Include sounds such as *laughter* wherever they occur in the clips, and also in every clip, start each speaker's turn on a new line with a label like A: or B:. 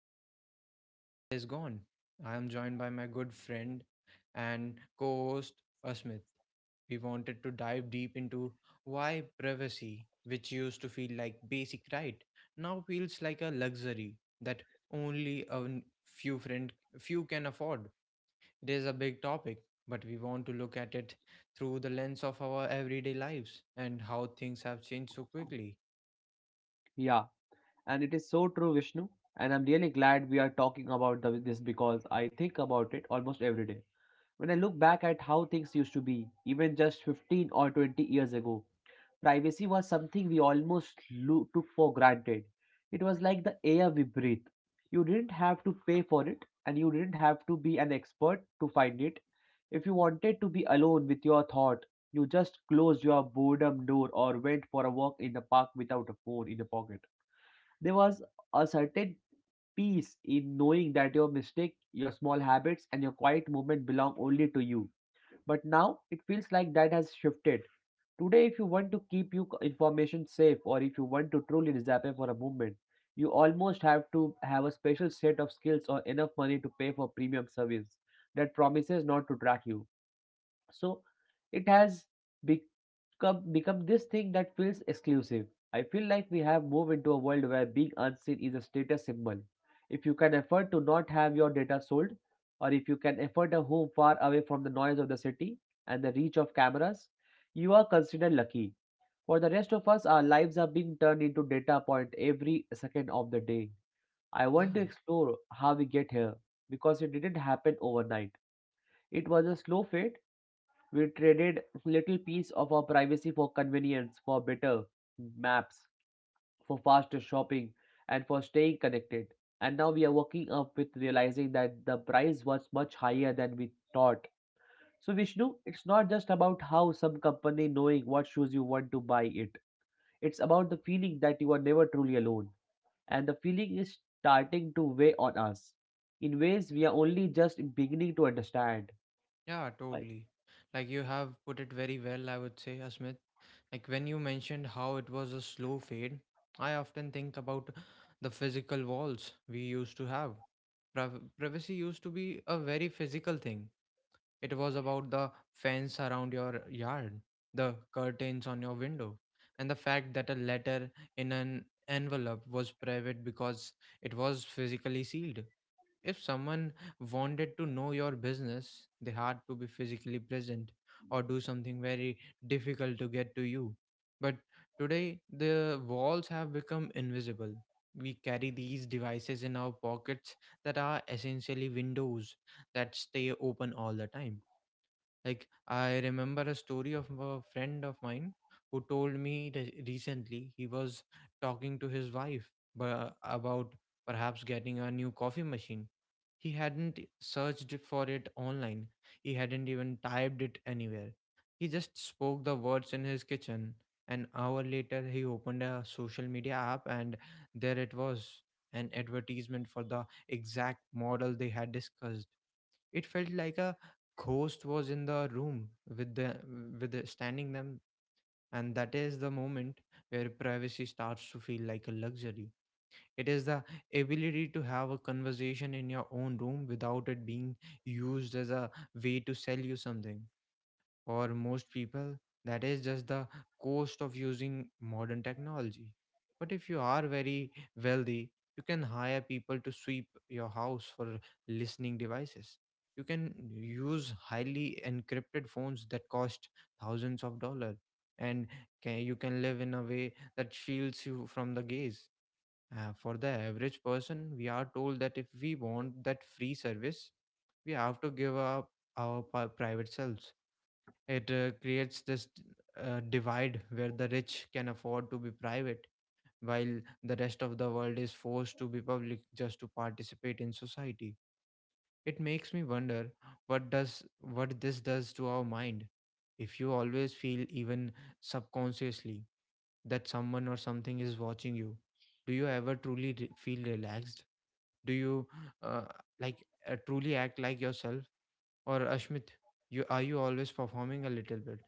A: notice it until it is gone. I am joined by my good friend and co-host Asmith. We wanted to dive deep into why privacy, which used to feel like basic right, now feels like a luxury that only a n- few friend few can afford. It is a big topic, but we want to look at it through the lens of our everyday lives and how things have changed so quickly.
B: Yeah, and it is so true, Vishnu. And I'm really glad we are talking about this because I think about it almost every day. When I look back at how things used to be, even just 15 or 20 years ago, privacy was something we almost took for granted. It was like the air we breathe. You didn't have to pay for it, and you didn't have to be an expert to find it. If you wanted to be alone with your thought, you just closed your boredom door or went for a walk in the park without a phone in your pocket. There was a certain peace in knowing that your mistake, your small habits, and your quiet moment belong only to you. But now it feels like that has shifted. Today, if you want to keep your information safe or if you want to truly disappear for a moment, you almost have to have a special set of skills or enough money to pay for premium service that promises not to track you. So it has be come, become this thing that feels exclusive. I feel like we have moved into a world where being unseen is a status symbol. If you can afford to not have your data sold, or if you can afford a home far away from the noise of the city and the reach of cameras, you are considered lucky. For the rest of us, our lives are being turned into data point every second of the day. I
A: Yeah,
B: want to explore how we get here because it didn't happen overnight. It was a slow fade. We traded little piece of our privacy for convenience, for better maps, for faster shopping, and for staying connected. And now we are waking up with realizing that the price was much higher than we thought. So, Vishnu, it's not just about how some company knowing what shoes you want to buy it. It's about the feeling that you are never truly alone. And the feeling is starting to weigh on us in ways we are only just beginning to understand.
A: yeah,
B: Like,
A: totally. Like you have put it very well, I would say, Asmit. Like when you mentioned how it was a slow fade, I often think about the physical walls we used to have. Privacy used to be a very physical thing. It was about the fence around your yard, the curtains on your window, and the fact that a letter in an envelope was private because it was physically sealed. If someone wanted to know your business, they had to be physically present or do something very difficult to get to you. But today, the walls have become invisible. We carry these devices in our pockets that are essentially windows that stay open all the time. Like, I remember a story of a friend of mine who told me recently he was talking to his wife about perhaps getting a new coffee machine. He hadn't searched for it online. He hadn't even typed it anywhere. He just spoke the words in his kitchen. An hour later, he opened a social media app, and there it was, an advertisement for the exact model they had discussed. It felt like a ghost was in the room with the standing them. And that is the moment where privacy starts to feel like a luxury. It is the ability to have a conversation in your own room without it being used as a way to sell you something. Or most people, that is just the cost of using modern technology. But if you are very wealthy, you can hire people to sweep your house for listening devices. You can use highly encrypted phones that cost thousands of dollars, and you can live in a way that shields you from the gaze. For the average person, we are told that if we want that free service, we have to give up our private selves. It creates this divide where the rich can afford to be private, while the rest of the world is forced to be public just to participate in society. It makes me wonder what this does to our mind. If you always feel, even subconsciously, that someone or something is watching you, do you ever truly feel relaxed? Do you uh, truly act like yourself, or Ashmit, You are you always performing a little bit?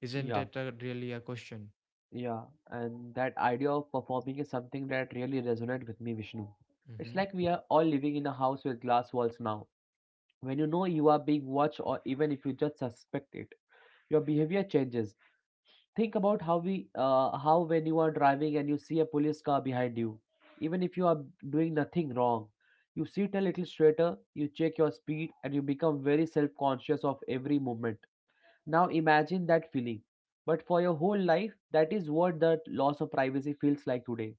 A: Isn't
B: yeah.
A: it really a question?
B: Yeah, and that idea of performing is something that really resonates with me, Vishnu. It's
A: Mm-hmm.
B: like we are all living in a house with glass walls now. When you know you are being watched, or even if you just suspect it, your behavior changes. Think about how when you are driving and you see a police car behind you, even if you are doing nothing wrong, you sit a little straighter, you check your speed, and you become very self-conscious of every movement. Now imagine that feeling, but for your whole life, that is what the loss of privacy feels like today.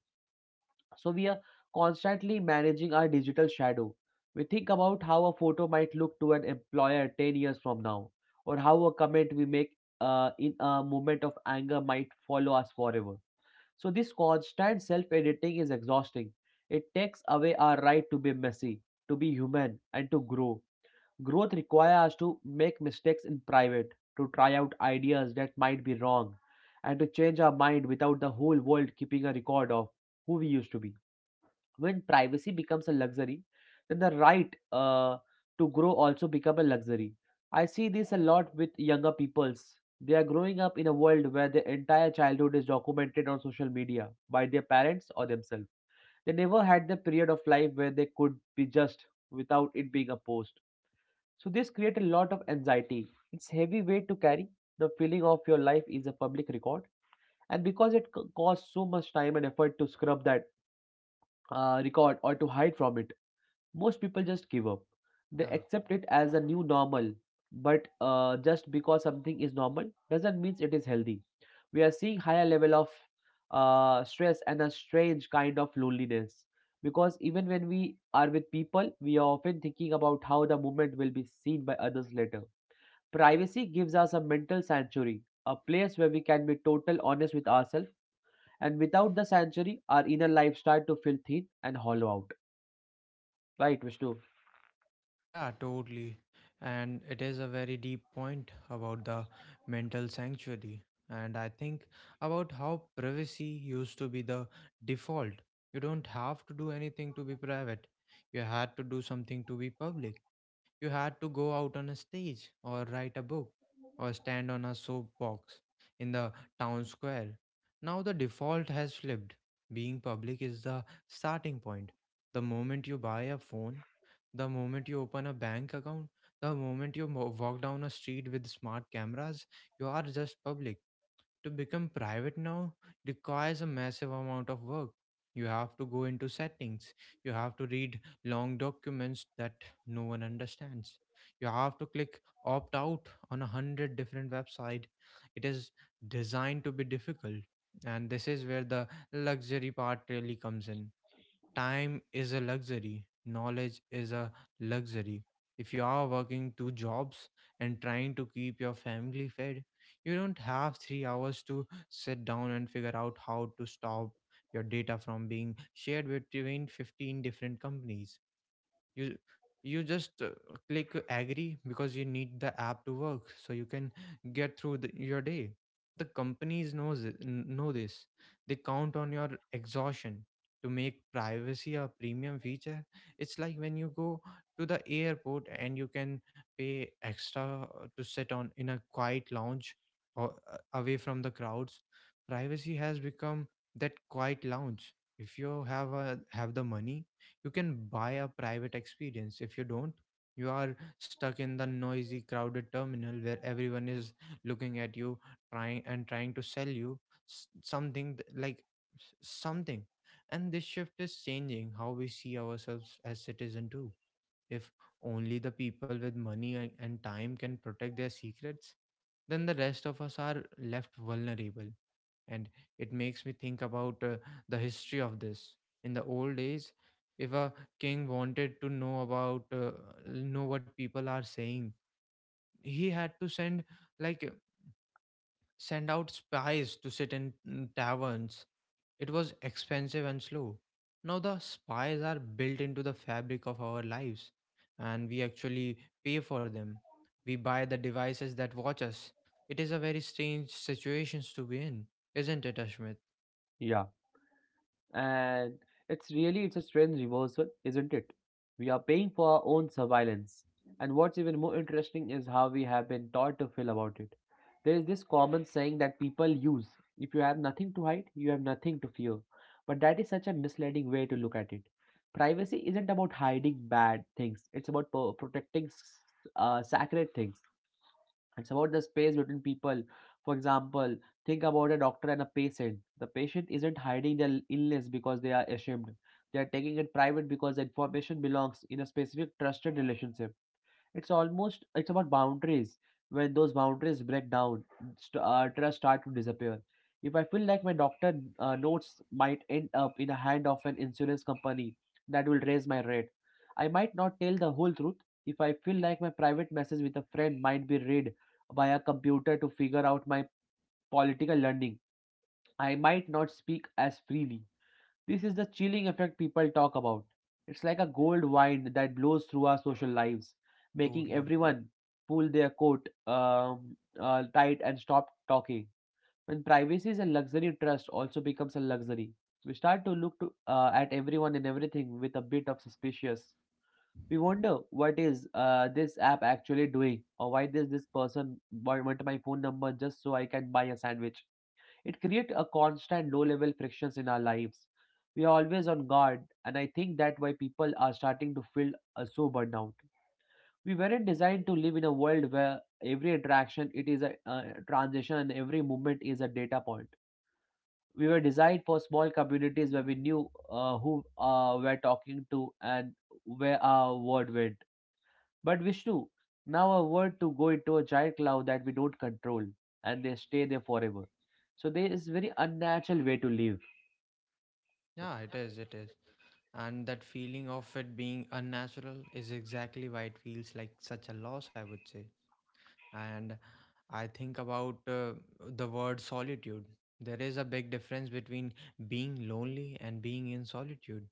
B: So we are constantly managing our digital shadow. We think about how a photo might look to an employer 10 years from now, or how a comment we make in a moment of anger might follow us forever. So this constant self editing is exhausting. It takes away our right to be messy, to be human, and to grow. Growth requires us to make mistakes in private, to try out ideas that might be wrong, and to change our mind without the whole world keeping a record of who we used to be. When privacy becomes a luxury, then the right to grow also become a luxury. I see this a lot with younger peoples. They are growing up in a world where their entire childhood is documented on social media by their parents or themselves. They never had the period of life where they could be just without it being a post. So this creates a lot of anxiety. It's heavy weight to carry. The feeling of your life is a public record, and because it costs so much time and effort to scrub that record or to hide from it, most people just give up. They
A: Yeah,
B: accept it as a new normal. But just because something is normal doesn't mean it is healthy. We are seeing higher level of stress and a strange kind of loneliness because even when we are with people, we are often thinking about how the moment will be seen by others later. Privacy gives us a mental sanctuary, a place where we can be total honest with ourselves, and without the sanctuary, our inner life start to feel thin and hollow out. Right, Vishnu?
A: yeah, totally. And it is a very deep point about the mental sanctuary. And I think about how privacy used to be the default. You don't have to do anything to be private, you had to do something to be public. You had to go out on a stage or write a book or stand on a soapbox in the town square. Now the default has flipped. Being public is the starting point. The moment you buy a phone, the moment you open a bank account, the moment you walk down a street with smart cameras, you are just public. To become private now requires a massive amount of work. You have to go into settings, you have to read long documents that no one understands. You have to click opt out on a hundred different website. It is designed to be difficult. And this is where the luxury part really comes in. Time is a luxury, knowledge is a luxury. If you are working two jobs and trying to keep your family fed, you don't have 3 hours to sit down and figure out how to stop your data from being shared between 15 different companies. You you just click agree because you need the app to work so you can get through your day. The companies know this. They count on your exhaustion to make privacy a premium feature. It's like when you go to the airport and you can pay extra to sit on in a quiet lounge or away from the crowds. Privacy has become that quiet lounge. If you have the money, you can buy a private experience. If you don't, you are stuck in the noisy crowded terminal where everyone is looking at you, trying and trying to sell you s- something th- like s- something. And this shift is changing how we see ourselves as citizen too. If only the people with money and time can protect their secrets, then the rest of us are left vulnerable. And it makes me think about the history of this. In the old days, if a king wanted to know about know what people are saying, he had to send like uh, send out spies to sit in taverns. It was expensive and slow. Now the spies are built into the fabric of our lives, and we actually pay for them. We buy the devices that watch us. It is a very strange situations to be in, isn't it, Ashmit?
B: Yeah. And it's a strange reversal, isn't it? We are paying for our own surveillance. And what's even more interesting is how we have been taught to feel about it. There is this common saying that people use: if you have nothing to hide, you have nothing to fear. But that is such a misleading way to look at it. Privacy isn't about hiding bad things, it's about protecting sacred things. It's about the space between people. For example, think about a doctor and a patient. The patient isn't hiding their illness because they are ashamed. They are taking it private because the information belongs in a specific trusted relationship. It's about boundaries. When those boundaries break down, trust start to disappear. If I feel like my doctor notes might end up in the hand of an insurance company that will raise my rate, I might not tell the whole truth. If I feel like my private message with a friend might be read by a computer to figure out my political learning, I might not speak as freely. This is the chilling effect people talk about. It's like a cold wind that blows through our social lives, making
A: Totally.
B: everyone pull their coat tight and stop talking. When privacy is a luxury, trust also becomes a luxury. We start to look at everyone and everything with a bit of suspicious. We wonder what is this app actually doing, or why does this person want my phone number just so I can buy a sandwich? It creates a constant low level frictions in our lives. We are always on guard, and I think that why people are starting to feel so burnout. We weren't designed to live in a world where every interaction it is a transition and every movement is a data point. We were designed for small communities where we knew who we're talking to and where our word went. But Vishnu, now our word to go into a giant cloud that we don't control, and they stay there forever. So there is very unnatural way to live.
A: Yeah, it is, it is. And that feeling of it being unnatural is exactly why it feels like such a loss, I would say. And I think about the word solitude. There is a big difference between being lonely and being in solitude.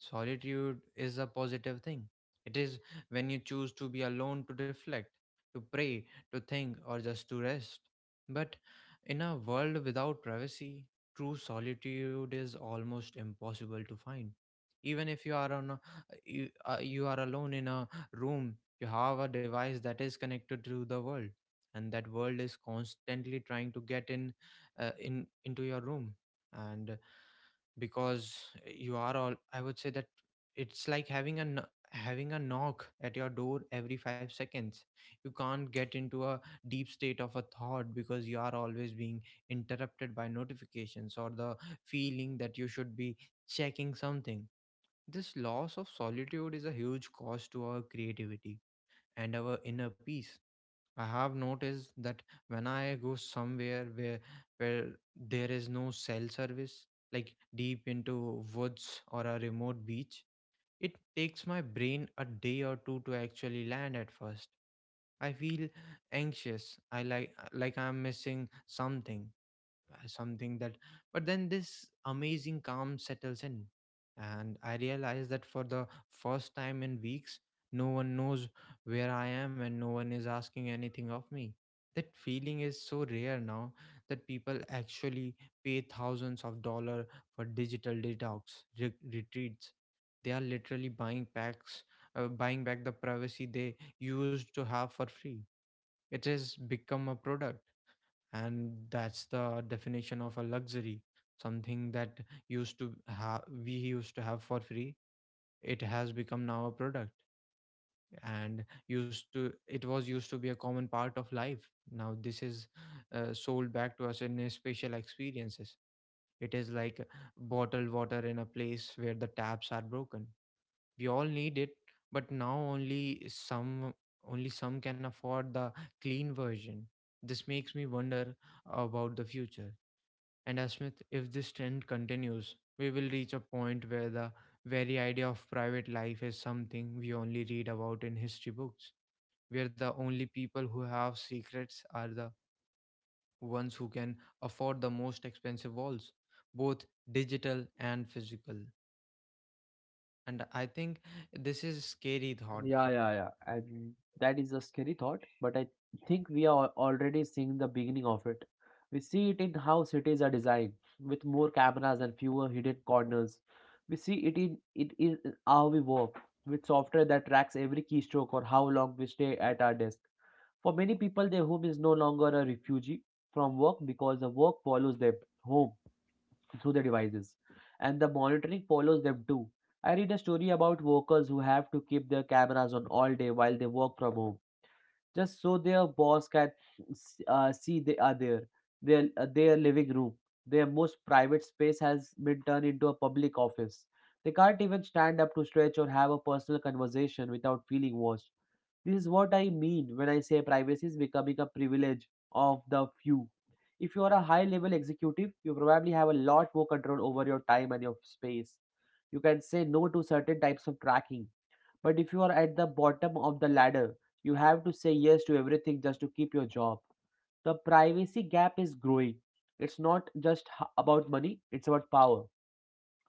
A: Solitude is a positive thing. It is when you choose to be alone to reflect, to pray, to think, or just to rest. But in a world without privacy, true solitude is almost impossible to find. Even if you are you are alone in a room, you have a device that is connected to the world, and that world is constantly trying to get in, into your room. And because you are all, I would say that it's like having having a knock at your door every 5 seconds. You can't get into a deep state of a thought because you are always being interrupted by notifications or the feeling that you should be checking something. This loss of solitude is a huge cost to our creativity and our inner peace. I have noticed that when I go somewhere where there is no cell service, like deep into woods or a remote beach, it takes my brain a day or two to actually land at first. I feel anxious. I like I'm missing something, something that But then this amazing calm settles in, and I realize that for the first time in weeks, no one knows where I am and no one is asking anything of me. That feeling is so rare now that people actually pay thousands of dollars for digital detox retreats. They are literally buying packs buying back the privacy they used to have for free. It has become a product. And that's the definition of a luxury: something that used to have we used to have for free it has become now a product. And used to be a common part of life. Now this is sold back to us in a special experiences. It is like bottled water in a place where the taps are broken. We all need it, but now only some, only some can afford the clean version. This makes me wonder about the future. And Asmith, if this trend continues, we will reach a point where the very idea of private life is something we only read about in history books, where the only people who have secrets are the ones who can afford the most expensive walls, both digital and physical. And I think this is a scary thought.
B: Yeah, yeah, yeah. And that is a scary thought, but I think we are already seeing the beginning of it. We see it in how cities are designed, with more cameras and fewer hidden corners. We see it in it is how we work, with software that tracks every keystroke or how long we stay at our desk. For many people, their home is no longer a refugee from work because the work follows them home, through their devices, and the monitoring follows them too. I read a story about workers who have to keep their cameras on all day while they work from home, just so their boss can see they are there. Their living room, their most private space, has been turned into a public office. They can't even stand up to stretch or have a personal conversation without feeling watched. This is what I mean when I say privacy is becoming a privilege of the few. If you are a high level executive, you probably have a lot more control over your time and your space. You can say no to certain types of tracking. But if you are at the bottom of the ladder, you have to say yes to everything just to keep your job. The privacy gap is growing. It's not just about money, it's about power.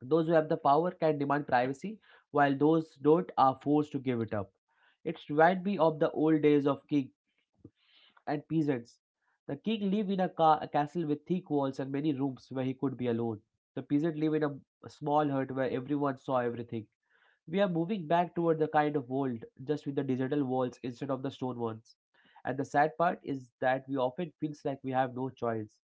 B: Those who have the power can demand privacy, while those don't are forced to give it up. It reminds me of the old days of king and peasants. The king lived in a castle with thick walls and many rooms where he could be alone. The peasant lived in a small hut where everyone saw everything. We are moving back toward the kind of world just with the digital walls instead of the stone ones. And the sad part is that we often feels like we have no choice.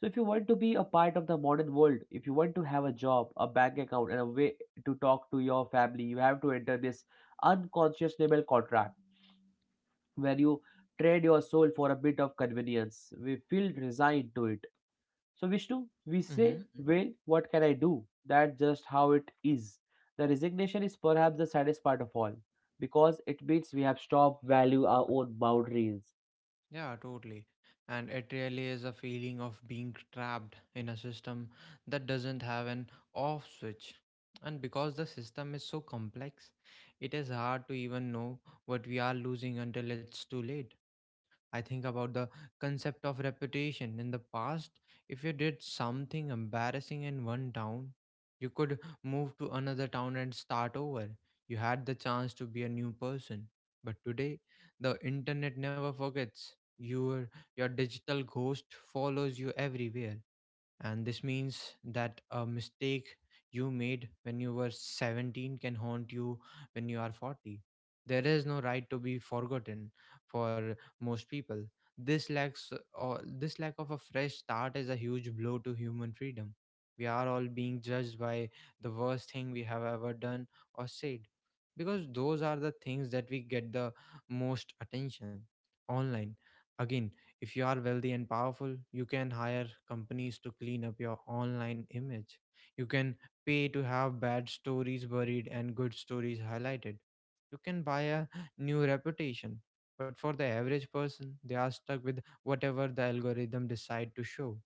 B: So if you want to be a part of the modern world, if you want to have a job, a bank account, and a way to talk to your family, you have to enter this unconscionable contract where you trade your soul for a bit of convenience. We feel resigned to it. So Vishnu, we say,
A: Mm-hmm.
B: well, what can I do? That's just how it is. The resignation is perhaps the saddest part of all because it means we have stopped value our own boundaries.
A: Yeah, totally. And it really is a feeling of being trapped in a system that doesn't have an off switch. And because the system is so complex, it is hard to even know what we are losing until it's too late. I think about the concept of reputation. In the past, if you did something embarrassing in one town, you could move to another town and start over. You had the chance to be a new person. But today, the internet never forgets. Your digital ghost follows you everywhere, and this means that a mistake you made when you were 17 can haunt you when you are 40. There is no right to be forgotten for most people. This lacks or this lack of a fresh start is a huge blow to human freedom. We are all being judged by the worst thing we have ever done or said, because those are the things that we get the most attention online. Again, if you are wealthy and powerful, you can hire companies to clean up your online image. You can pay to have bad stories buried and good stories highlighted. You can buy a *sighs* new reputation. But for the average person, they are stuck with whatever the algorithm decide to show.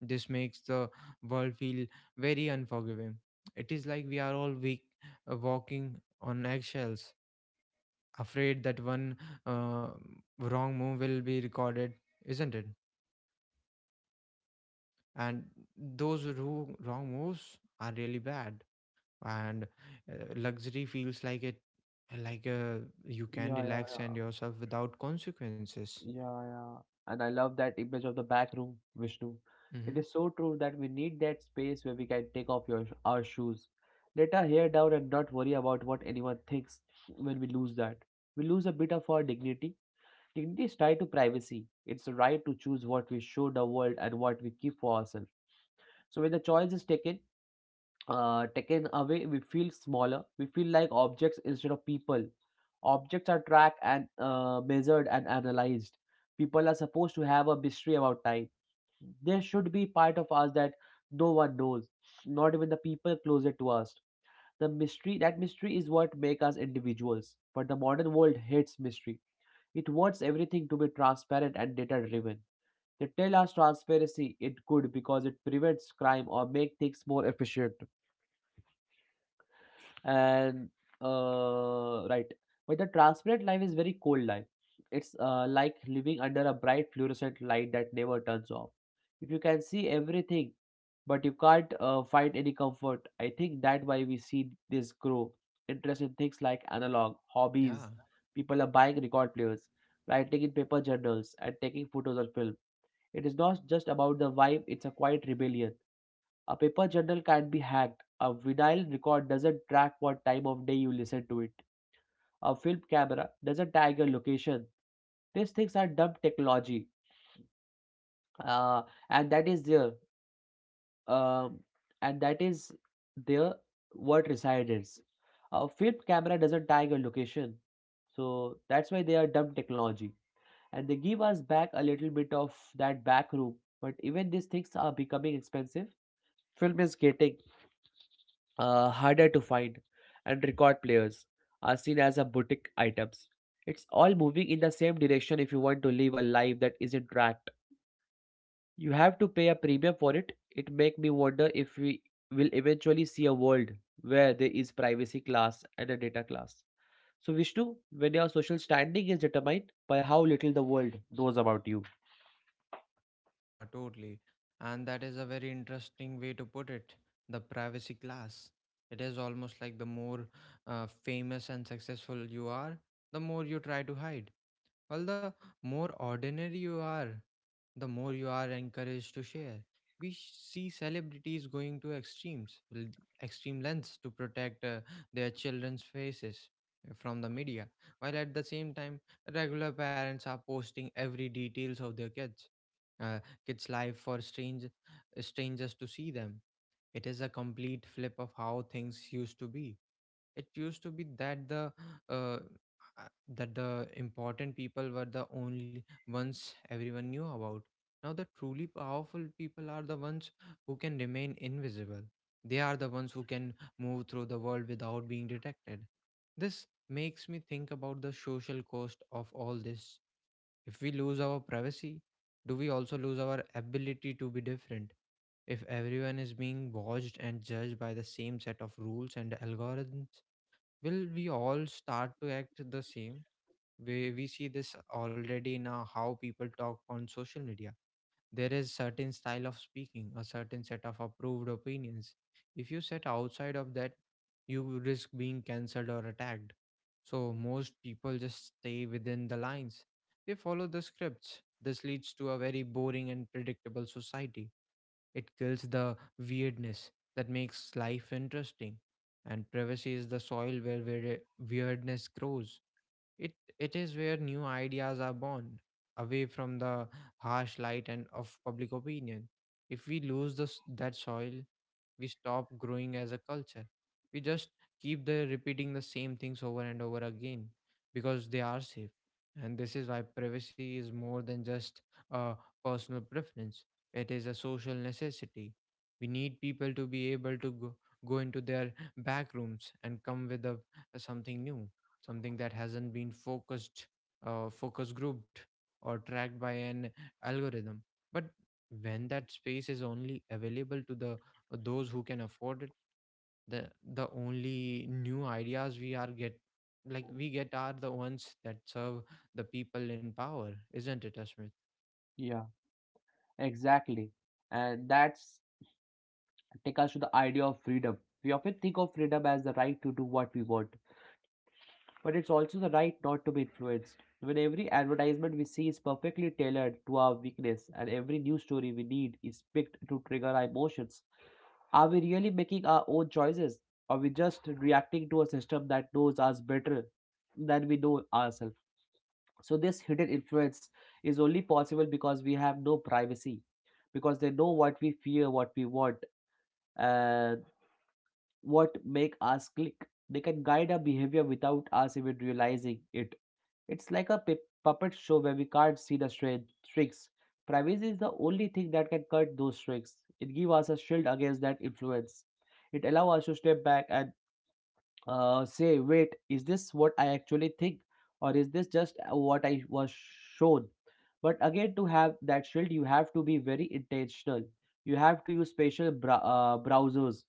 A: This makes the world feel very unforgiving. It is like we are all weak, walking on eggshells, afraid that one uh, wrong move will be recorded, isn't it? And those wrong moves are really bad, and luxury feels like it like uh, you can relax and yourself without consequences.
B: Yeah, yeah. And I love that image of the back room, Vishnu. It
A: Mm-hmm.
B: is so true that we need that space where we can take off our shoes, let our hair down, and not worry about what anyone thinks when we lose that. We lose a bit of our dignity. Dignity is tied to privacy. It's the right to choose what we show the world and what we keep for ourselves. So when the choice is taken, taken away, we feel smaller. We feel like objects instead of people. Objects are tracked and measured and analyzed. People are supposed to have a mystery about time. There should be part of us that no one knows, not even the people closer to us. That mystery is what makes us individuals. But the modern world hates mystery. It wants everything to be transparent and data driven. They tell us transparency it good because it prevents crime or make things more efficient, and right. But the transparent life is very cold life. It's like living under a bright fluorescent light that never turns off. If you can see everything but you can't find any comfort, I think that why we see this grow interest in things like analog hobbies.
A: Yeah.
B: People are buying record players, writing in paper journals and taking photos or film. It is not just about the vibe, it's a quiet rebellion. A paper journal can be hacked. A vinyl record doesn't track what time of day you listen to it. A film camera doesn't tag your location. These things are dumb technology, uh, and that is there. Um, and that is there what reside is. A film camera doesn't tag your location, so that's why they are dumb technology. And they give us back a little bit of that back room. But even these things are becoming expensive. Film is getting harder to find, and record players are seen as a boutique items. It's all moving in the same direction. If you want to live a life that isn't tracked, you have to pay a premium for it. It make me wonder if we will eventually see a world where there is privacy class and a data class. So Vishnu, when your social standing is determined by how little the world knows about you.
A: Yeah, totally, and that is a very interesting way to put it. The privacy class, it is almost like the more famous and successful you are, the more you try to hide. Well, the more ordinary you are, the more you are encouraged to share. We see celebrities going to extreme lengths to protect their children's faces from the media, while at the same time, regular parents are posting every details of their kids, uh, kids' life for strangers to see them. It is a complete flip of how things used to be. It used to be that uh, uh, the important people were the only ones everyone knew about. Now the truly powerful people are the ones who can remain invisible. They are the ones who can move through the world without being detected. This makes me think about the social cost of all this. If we lose our privacy, do we also lose our ability to be different? If everyone is being watched and judged by the same set of rules and algorithms, will we all start to act the same way? We see this already now, how people talk on social media. There is certain style of speaking, a certain set of approved opinions. If you set outside of that, you will risk being cancelled or attacked. So most people just stay within the lines. They follow the scripts. This leads to a very boring and predictable society. It kills the weirdness that makes life interesting, and privacy is the soil where weirdness grows. It it is where new ideas are born, away from the harsh light and of public opinion. If we lose this that soil, we stop growing as a culture. We just keep the repeating the same things over and over again because they are safe. And this is why privacy is more than just a personal preference. It is a social necessity. We need people to be able to go into their back rooms and come with a, something new, something that hasn't been focus grouped or tracked by an algorithm. But when that space is only available to the those who can afford it, the the only new ideas we get are the ones that serve the people in power, isn't it, Asmith?
B: Yeah, exactly. And that's take us to the idea of freedom. We often think of freedom as the right to do what we want, but it's also the right not to be influenced. When every advertisement we see is perfectly tailored to our weakness and every news story we need is picked to trigger our emotions, are we really making our own choices? Are we just reacting to a system that knows us better than we know ourselves? So, this hidden influence is only possible because we have no privacy, because they know what we fear, what we want, and what make us click. They can guide our behavior without us even realizing it. It's like a puppet show where we can't see the tricks. Privacy is the only thing that can cut those tricks. It gives us a shield against that influence. It allows us to step back and say, wait, is this what I actually think? Or is this just what I was shown? But again, to have that shield, you have to be very intentional. You have to use special browsers.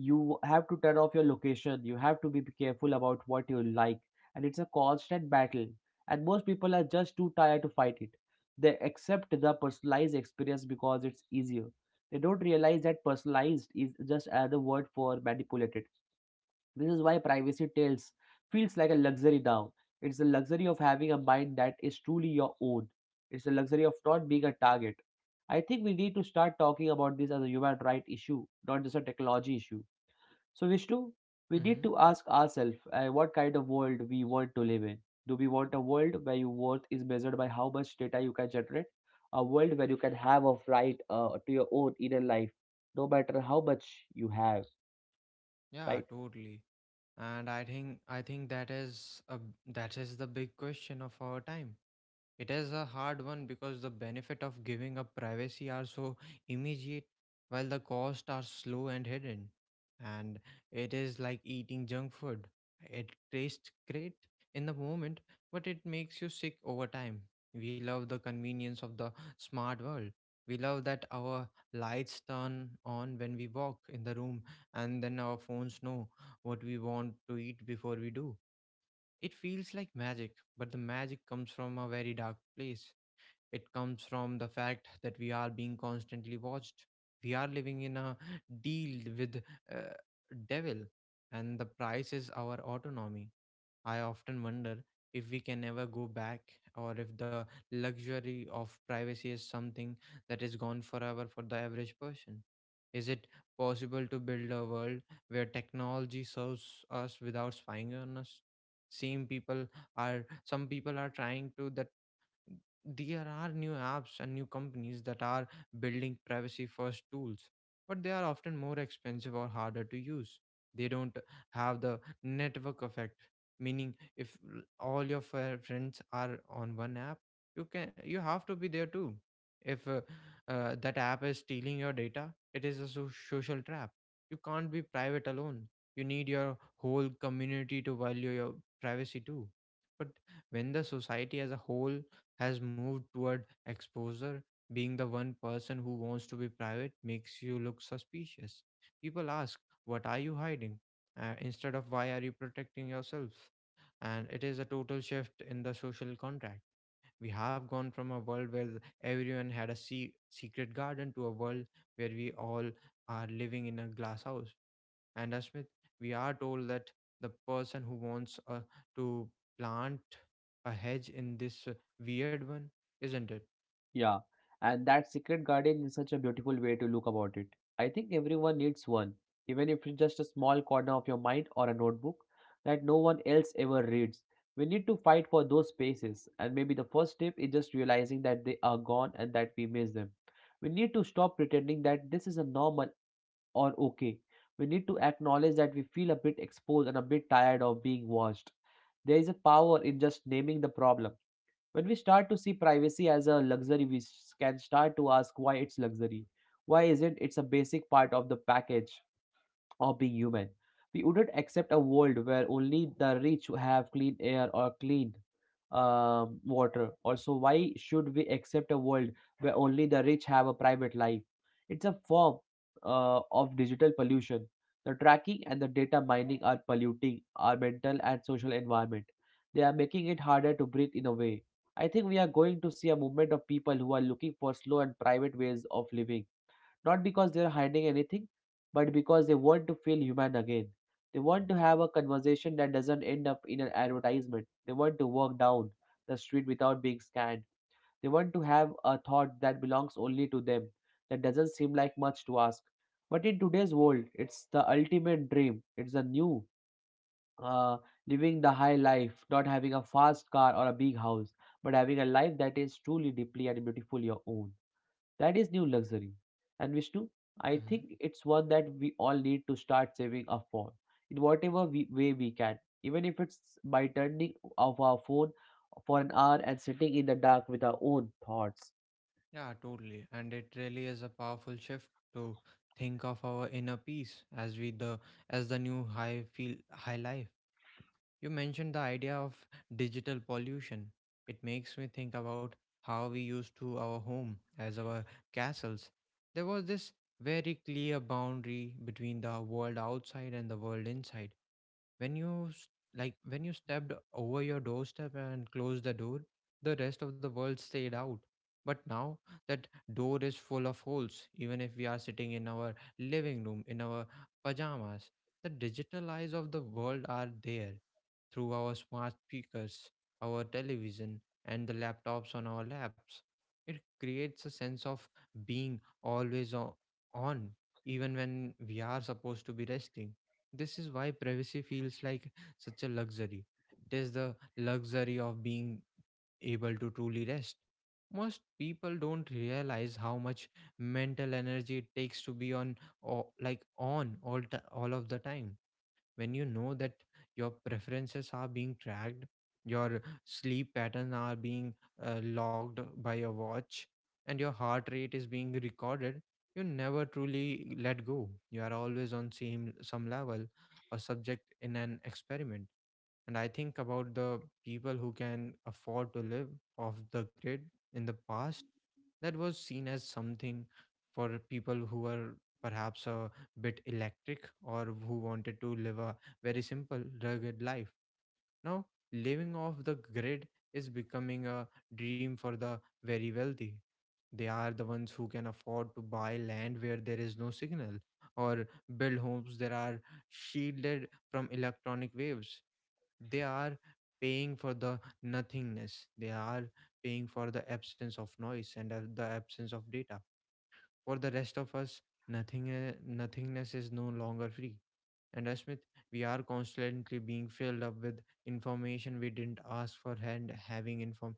B: You have to turn off your location. You have to be careful about what you like, and it's a constant battle, and most people are just too tired to fight it. They accept the personalized experience because it's easier. They don't realize that personalized is just another word for manipulated. This is why privacy tales feels like a luxury now. It's the luxury of having a mind that is truly your own. It's the luxury of not being a target. I think we need to start talking about this as a human right issue, not just a technology issue. So, Vishnu, we need
A: Mm-hmm.
B: to ask ourselves what kind of world we want to live in. Do we want a world where your worth is measured by how much data you can generate? A world where you can have a right to your own inner life, no matter how much you have,
A: Yeah,
B: right?
A: totally. And I think that is a, that is the big question of our time. It is a hard one because the benefit of giving up privacy are so immediate, while the costs are slow and hidden. And it is like eating junk food. It tastes great in the moment, but it makes you sick over time. We love the convenience of the smart world. We love that our lights turn on when we walk in the room, and then our phones know what we want to eat before we do. It feels like magic, but the magic comes from a very dark place. It comes from the fact that we are being constantly watched. We are living in a deal with uh, devil, and the price is our autonomy. I often wonder if we can ever go back, or if the luxury of privacy is something that is gone forever for the average person. Is it possible to build a world where technology serves us without spying on us? Same people are some people are trying to that. There are new apps and new companies that are building privacy first tools, but they are often more expensive or harder to use. They don't have the network effect, meaning if all your friends are on one app, you have to be there too. If that app is stealing your data, it is a social trap. You can't be private alone. You need your whole community to value your privacy too. But when the society as a whole has moved toward exposure. Being the one person who wants to be private makes you look suspicious. People ask, "What are you hiding?" Instead of, "Why are you protecting yourself?" And it is a total shift in the social contract. We have gone from a world where everyone had a secret garden to a world where we all are living in a glass house. And as Smith, we are told that the person who wants to plant a hedge in this weird one, isn't it?
B: Yeah, and that secret garden is such a beautiful way to look about it. I think everyone needs one, even if it's just a small corner of your mind or a notebook that no one else ever reads. We need to fight for those spaces, and maybe the first step is just realizing that they are gone and that we miss them. We need to stop pretending that this is a normal or okay. We need to acknowledge that we feel a bit exposed and a bit tired of being watched. There is a power in just naming the problem. When we start to see privacy as a luxury, we can start to ask why it's luxury. Why is it? It's a basic part of the package of being human. We wouldn't accept a world where only the rich have clean air or clean water. Also, why should we accept a world where only the rich have a private life? It's a form of digital pollution. The tracking and the data mining are polluting our mental and social environment. They are making it harder to breathe in a way. I think we are going to see a movement of people who are looking for slow and private ways of living, not because they're hiding anything, but because they want to feel human again. They want to have a conversation that doesn't end up in an advertisement. They want to walk down the street without being scanned. They want to have a thought that belongs only to them, that doesn't seem like much to ask. But in today's world, it's the ultimate dream. It's a new uh, living the high life, not having a fast car or a big house, but having a life that is truly deeply and beautiful your own. That is new luxury. And Vishnu, I think it's one that we all need to start saving up for in whatever way we can, even if it's by turning off our phone for an hour and sitting in the dark with our own thoughts.
A: Yeah, totally. And it really is a powerful shift to think of our inner peace as we the as the new high life. You mentioned the idea of digital pollution. It makes me think about how we used to our home as our castles. There was this very clear boundary between the world outside and the world inside. When you s- like when you stepped over your doorstep and closed the door, the rest of the world stayed out. But now that door is full of holes. Even if we are sitting in our living room in our pajamas, the digital eyes of the world are there through our smart speakers, our television, and the laptops on our laps. It creates a sense of being always on, even when we are supposed to be resting. This is why privacy feels like such a luxury. It is the luxury of being able to truly rest. Most people don't realize how much mental energy it takes to be on, or like on all of the time. When you know that your preferences are being tracked, your sleep patterns are being logged by a watch, and your heart rate is being recorded, you never truly let go. You are always on same some level a subject in an experiment. And I think about the people who can afford to live off the grid. In the past, that was seen as something for people who were perhaps a bit electric, or who wanted to live a very simple rugged life. Now, living off the grid is becoming a dream for the very wealthy. They are the ones who can afford to buy land where there is no signal, or build homes that are shielded from electronic waves. They are paying for the nothingness. They are paying for the absence of noise and the absence of data. For the rest of us, nothingness is no longer free. And as Smith, we are constantly being filled up with information we didn't ask for, and having inform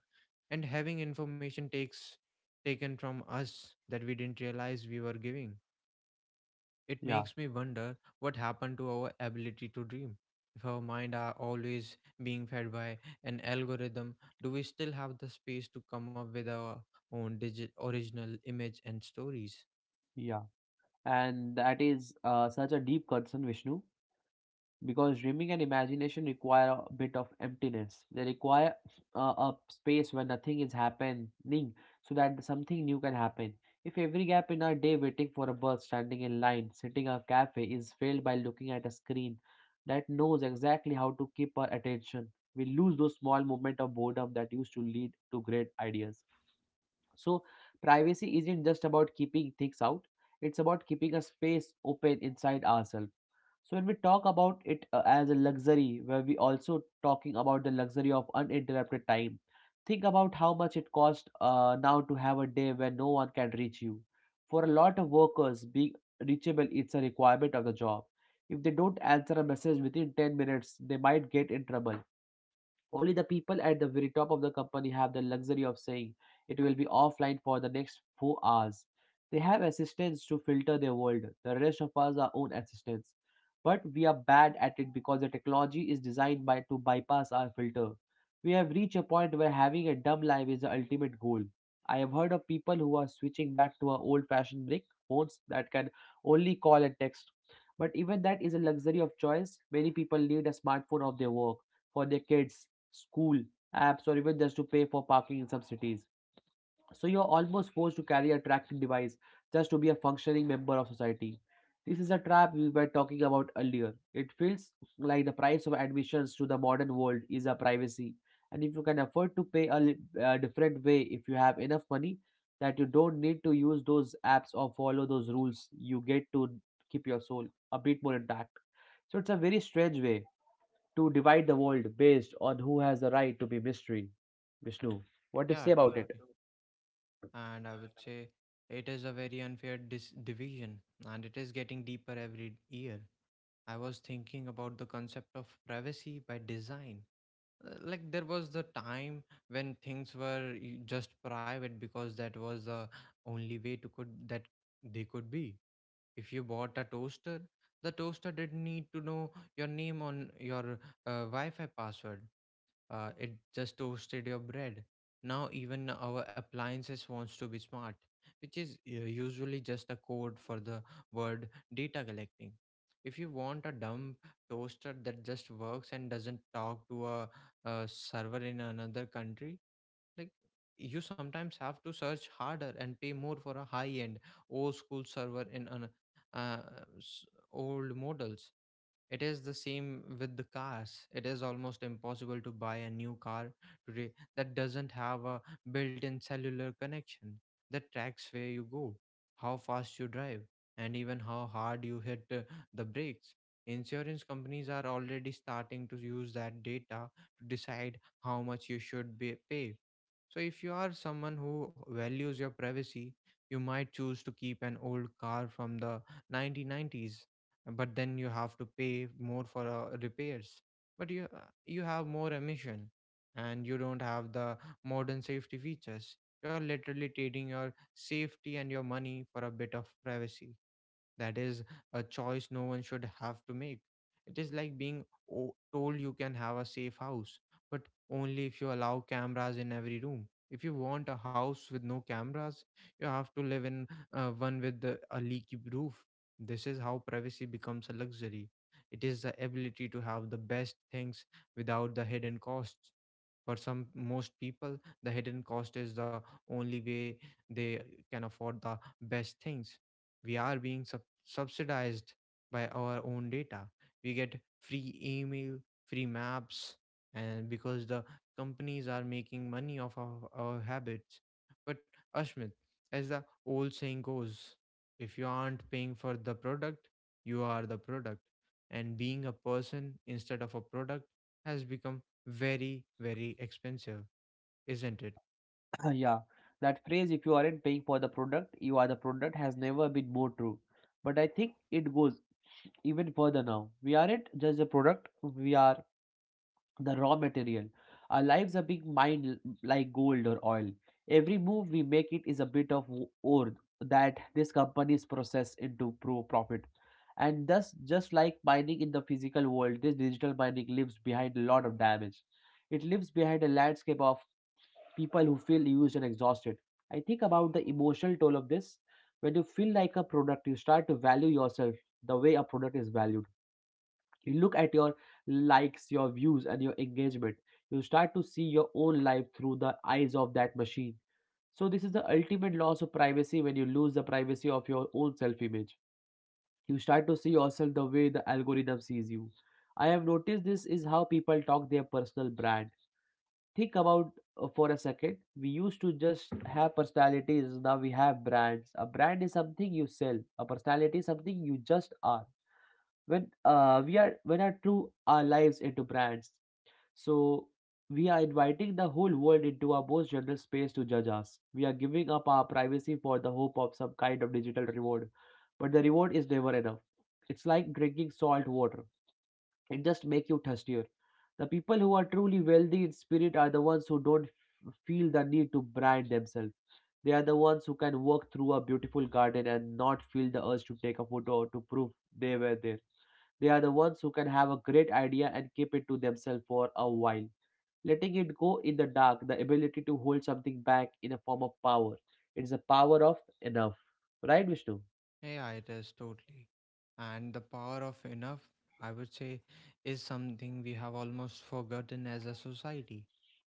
A: and having information takes taken from us that we didn't realize we were giving. It
B: Yeah,
A: makes me wonder what happened to our ability to dream. If our mind are always being fed by an algorithm, do we still have the space to come up with our own original image and stories?
B: yeah. And that is such a deep concern, Vishnu, because dreaming and imagination require a bit of emptiness. They require a space where nothing is happening so that something new can happen. If every gap in our day, waiting for a bus, standing in line, sitting at a cafe, is filled by looking at a screen that knows exactly how to keep our attention, we lose those small moments of boredom that used to lead to great ideas. So privacy isn't just about keeping things out, it's about keeping a space open inside ourselves. So when we talk about it as a luxury, where we also talking about the luxury of uninterrupted time, think about how much it costs now to have a day where no one can reach you. For a lot of workers, being reachable is a requirement of the job. If they don't answer a message within 10 minutes, they might get in trouble. Only the people at the very top of the company have the luxury of saying it will be offline for the next 4 hours. They have assistants to filter their world. The rest of us are own assistants. But we are bad at it because the technology is designed by to bypass our filter. We have reached a point where having a dumb life is the ultimate goal. I have heard of people who are switching back to our old fashioned brick phones that can only call and text. But even that is a luxury of choice. Many people need a smartphone of their work, for their kids school apps, or even just to pay for parking in some cities. So you're almost forced to carry a tracking device just to be a functioning member of society. This is a trap we were talking about earlier. It feels like the price of admissions to the modern world is a privacy. And if you can afford to pay a different way, if you have enough money, that you don't need to use those apps or follow those rules, you get to keep your soul a bit more intact. So it's a very strange way to divide the world based on who has the right to be mystery. Vishnu, what do you say
A: Yeah,
B: about it?
A: totally. And I would say it is a very unfair division, and it is getting deeper every year. I was thinking about the concept of privacy by design. Like there was the time when things were just private because that was the only way to could that they could be. If you bought a toaster, the toaster didn't need to know your name on your wi-fi password. It just toasted your bread. Now even our appliances wants to be smart, which is usually just a code for the word data collecting. If you want a dumb toaster that just works and doesn't talk to a server in another country, like, you sometimes have to search harder and pay more for a high end old school server in an uh, s- old models. It is the same with the cars. It is almost impossible to buy a new car today that doesn't have a built in cellular connection that tracks where you go, how fast you drive, and even how hard you hit the brakes. Insurance companies are already starting to use that data to decide how much you should be pay. So, if you are someone who values your privacy, you might choose to keep an old car from the 1990s, but then you have to pay more for repairs, but you you have more emission and you don't have the modern safety features. You're literally trading your safety and your money for a bit of privacy. That is a choice no one should have to make. It is like being told you can have a safe house, but only if you allow cameras in every room. If you want a house with no cameras, you have to live in one with a leaky roof. This is how privacy becomes a luxury. It is the ability to have the best things without the hidden costs. For some most people, the hidden cost is the only way they can afford the best things. We are being subsidized by our own data. We get free email, free maps, and because the companies are making money off of our habits. But Ashmit, as the old saying goes, if you aren't paying for the product, you are the product. And being a person instead of a product has become very, very expensive, isn't it?
B: Yeah, *clears throat* yeah. That phrase, if you aren't paying for the product, you are the product, has never been more true. But I think it goes even further now. We aren't just a product, we are the raw material. Our lives are being mined like gold or oil. Every move we make it is a bit of ore that these companies process into profit. And thus, just like mining in the physical world, this digital mining leaves behind a lot of damage. It leaves behind a landscape of people who feel used and exhausted. I think about the emotional toll of this. When you feel like a product, you start to value yourself the way a product is valued. You look at your likes, your views, and your engagement. You start to see your own life through the eyes of that machine. So this is the ultimate loss of privacy. When you lose the privacy of your own self image, you start to see yourself the way the algorithm sees you. I have noticed this is how people talk their personal brand. Think about, for a second, we used to just have personalities. Now we have brands. A brand is something you sell. A personality is something you just are. When we are, when are true our lives into brands. So we are inviting the whole world into our most general space to judge us. We are giving up our privacy for the hope of some kind of digital reward, but the reward is never enough. It's like drinking salt water. It just makes you thirstier. The people who are truly wealthy in spirit are the ones who don't feel the need to brand themselves. They are the ones who can walk through a beautiful garden and not feel the urge to take a photo or to prove they were there. They are the ones who can have a great idea and keep it to themselves for a while. Letting it go in the dark, the ability to hold something back in a form of power. It's the power of enough. Right, Vishnu?
A: Yeah, it is totally. And the power of enough, I would say, is something we have almost forgotten as a society.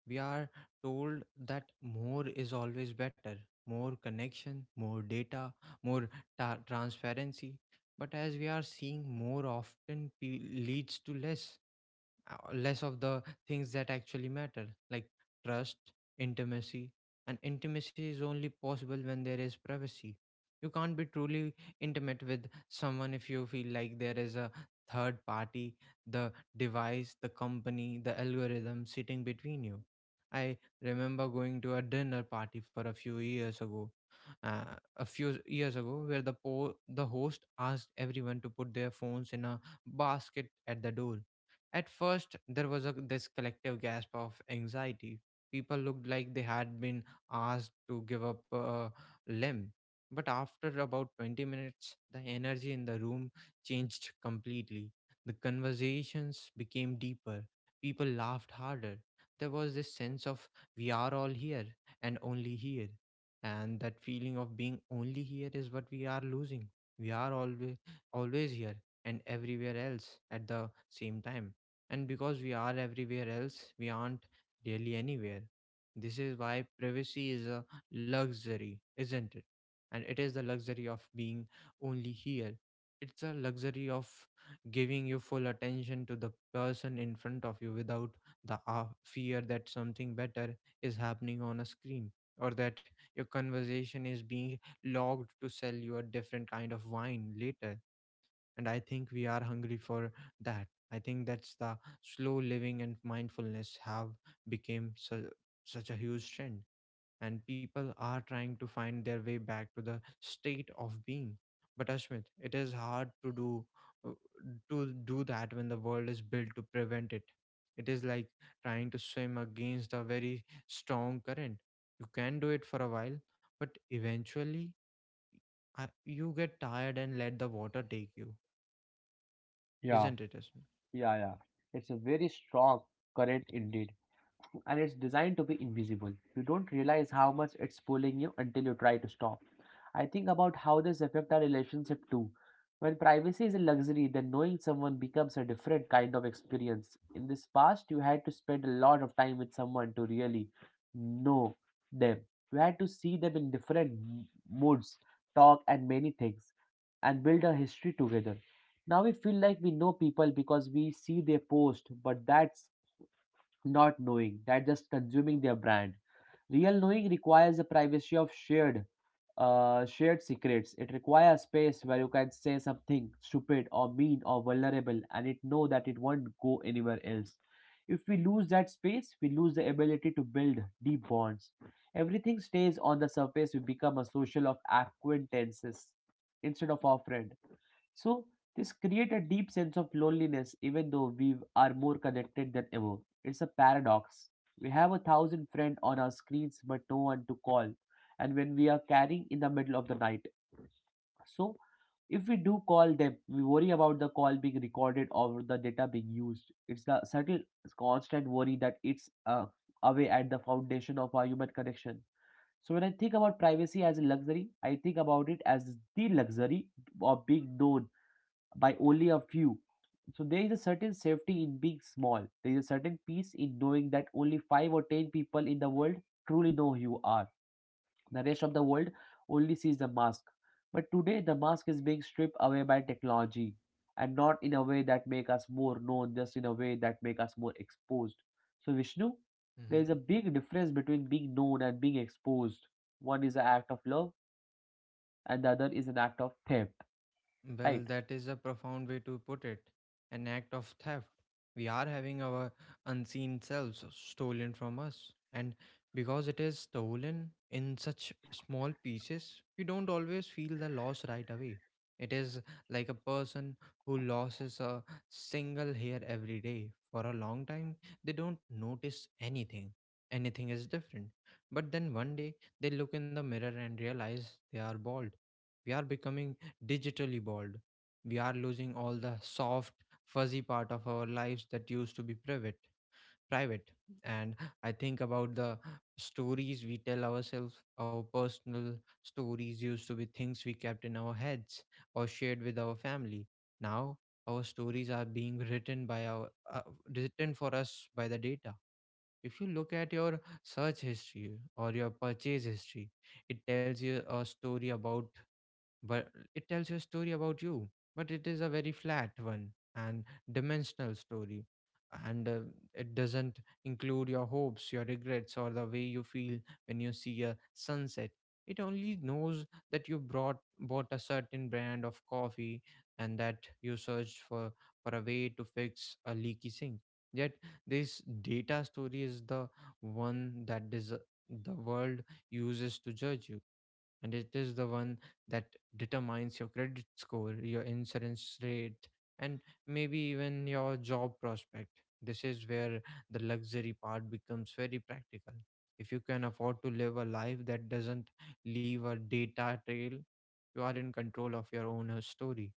A: We are told that more is always better, more connection, more data, more transparency. But as we are seeing, more often leads to less. Less of the things that actually matter, like trust, intimacy. And intimacy is only possible when there is privacy. You can't be truly intimate with someone if you feel like there is a third party, the device, the company, the algorithm sitting between you. I remember going to a dinner party for a few years ago, uh, a few years ago, where the the host asked everyone to put their phones in a basket at the door. At first, there was this collective gasp of anxiety. People looked like they had been asked to give up a limb. But after about 20 minutes, the energy in the room changed completely. The conversations became deeper. People laughed harder. There was this sense of we are all here and only here. And that feeling of being only here is what we are losing. We are always here and everywhere else at the same time, and because we are everywhere else, we aren't really anywhere. This is why privacy is a luxury, isn't it? And it is the luxury of being only here. It's a luxury of giving your full attention to the person in front of you without the fear that something better is happening on a screen, or that your conversation is being logged to sell you a different kind of wine later. And I think we are hungry for that. I think that's the slow living and mindfulness have become such a huge trend, and people are trying to find their way back to the state of being. But Ashmit, it is hard to do, uh, to do that when the world is built to prevent it. It is like trying to swim against a very strong current. You can do it for a while, but eventually, you get tired and let the water take you.
B: Yeah,
A: Isn't it, Ashmit?
B: yeah, yeah. It's a very strong current indeed. And it's designed to be invisible. You don't realize how much it's pulling you until you try to stop. I think about how this affects our relationship too. When privacy is a luxury, then knowing someone becomes a different kind of experience. In this past, you had to spend a lot of time with someone to really know them. You had to see them in different moods, talk, and many things, and build a history together. Now we feel like we know people because we see their post, but that not knowing, that just consuming their brand. Real knowing requires the privacy of shared shared secrets. It requires space where you can say something stupid or mean or vulnerable and it know that it won't go anywhere else. If we lose that space, we lose the ability to build deep bonds. Everything stays on the surface. We become a social of acquaintances instead of our friend. So this create a deep sense of loneliness even though we are more connected than ever. It's a paradox. We have a thousand friends on our screens but no one to call and when we are carrying in the middle of the night. So if we do call them, we worry about the call being recorded or the data being used. It's the subtle constant worry that it's away at the foundation of our human connection. So when I think about privacy as a luxury, I think about it as the luxury of being known by only a few. So there is a certain safety in being small. There is a certain peace in knowing that only five or ten people in the world truly know who you are. The rest of the world only sees the mask. But today the mask is being stripped away by technology, and not in a way that make us more known, just in a way that make us more exposed. So Vishnu, there
A: Mm-hmm.
B: is a big difference between being known and being exposed. One is an act of love and the other is an act of theft.
A: Well,
B: Right?
A: that is a profound way to put it. An act of theft. We are having our unseen selves stolen from us. And because it is stolen in such small pieces, we don't always feel the loss right away. It is like a person who loses a single hair every day. For a long time, they don't notice anything. Anything is different. But then one day, they look in the mirror and realize they are bald. We are becoming digitally bald. We are losing all the soft, fuzzy part of our lives that used to be private. Private, and I think about the stories we tell ourselves. Our personal stories used to be things we kept in our heads or shared with our family. Now our stories are being written by our written for us by the data. If you look at your search history or your purchase history, it tells you a story about, but it tells you a story about you, but it is a very flat one and dimensional story, and it doesn't include your hopes, your regrets, or the way you feel when you see a sunset. It only knows that you brought bought a certain brand of coffee and that you searched for a way to fix a leaky sink. Yet this data story is the one the world uses to judge you, and it is the one that determines your credit score, your insurance rate, and maybe even your job prospect. This is where the luxury part becomes very practical. If you can afford to live a life that doesn't leave a data trail, you are in control of your own story.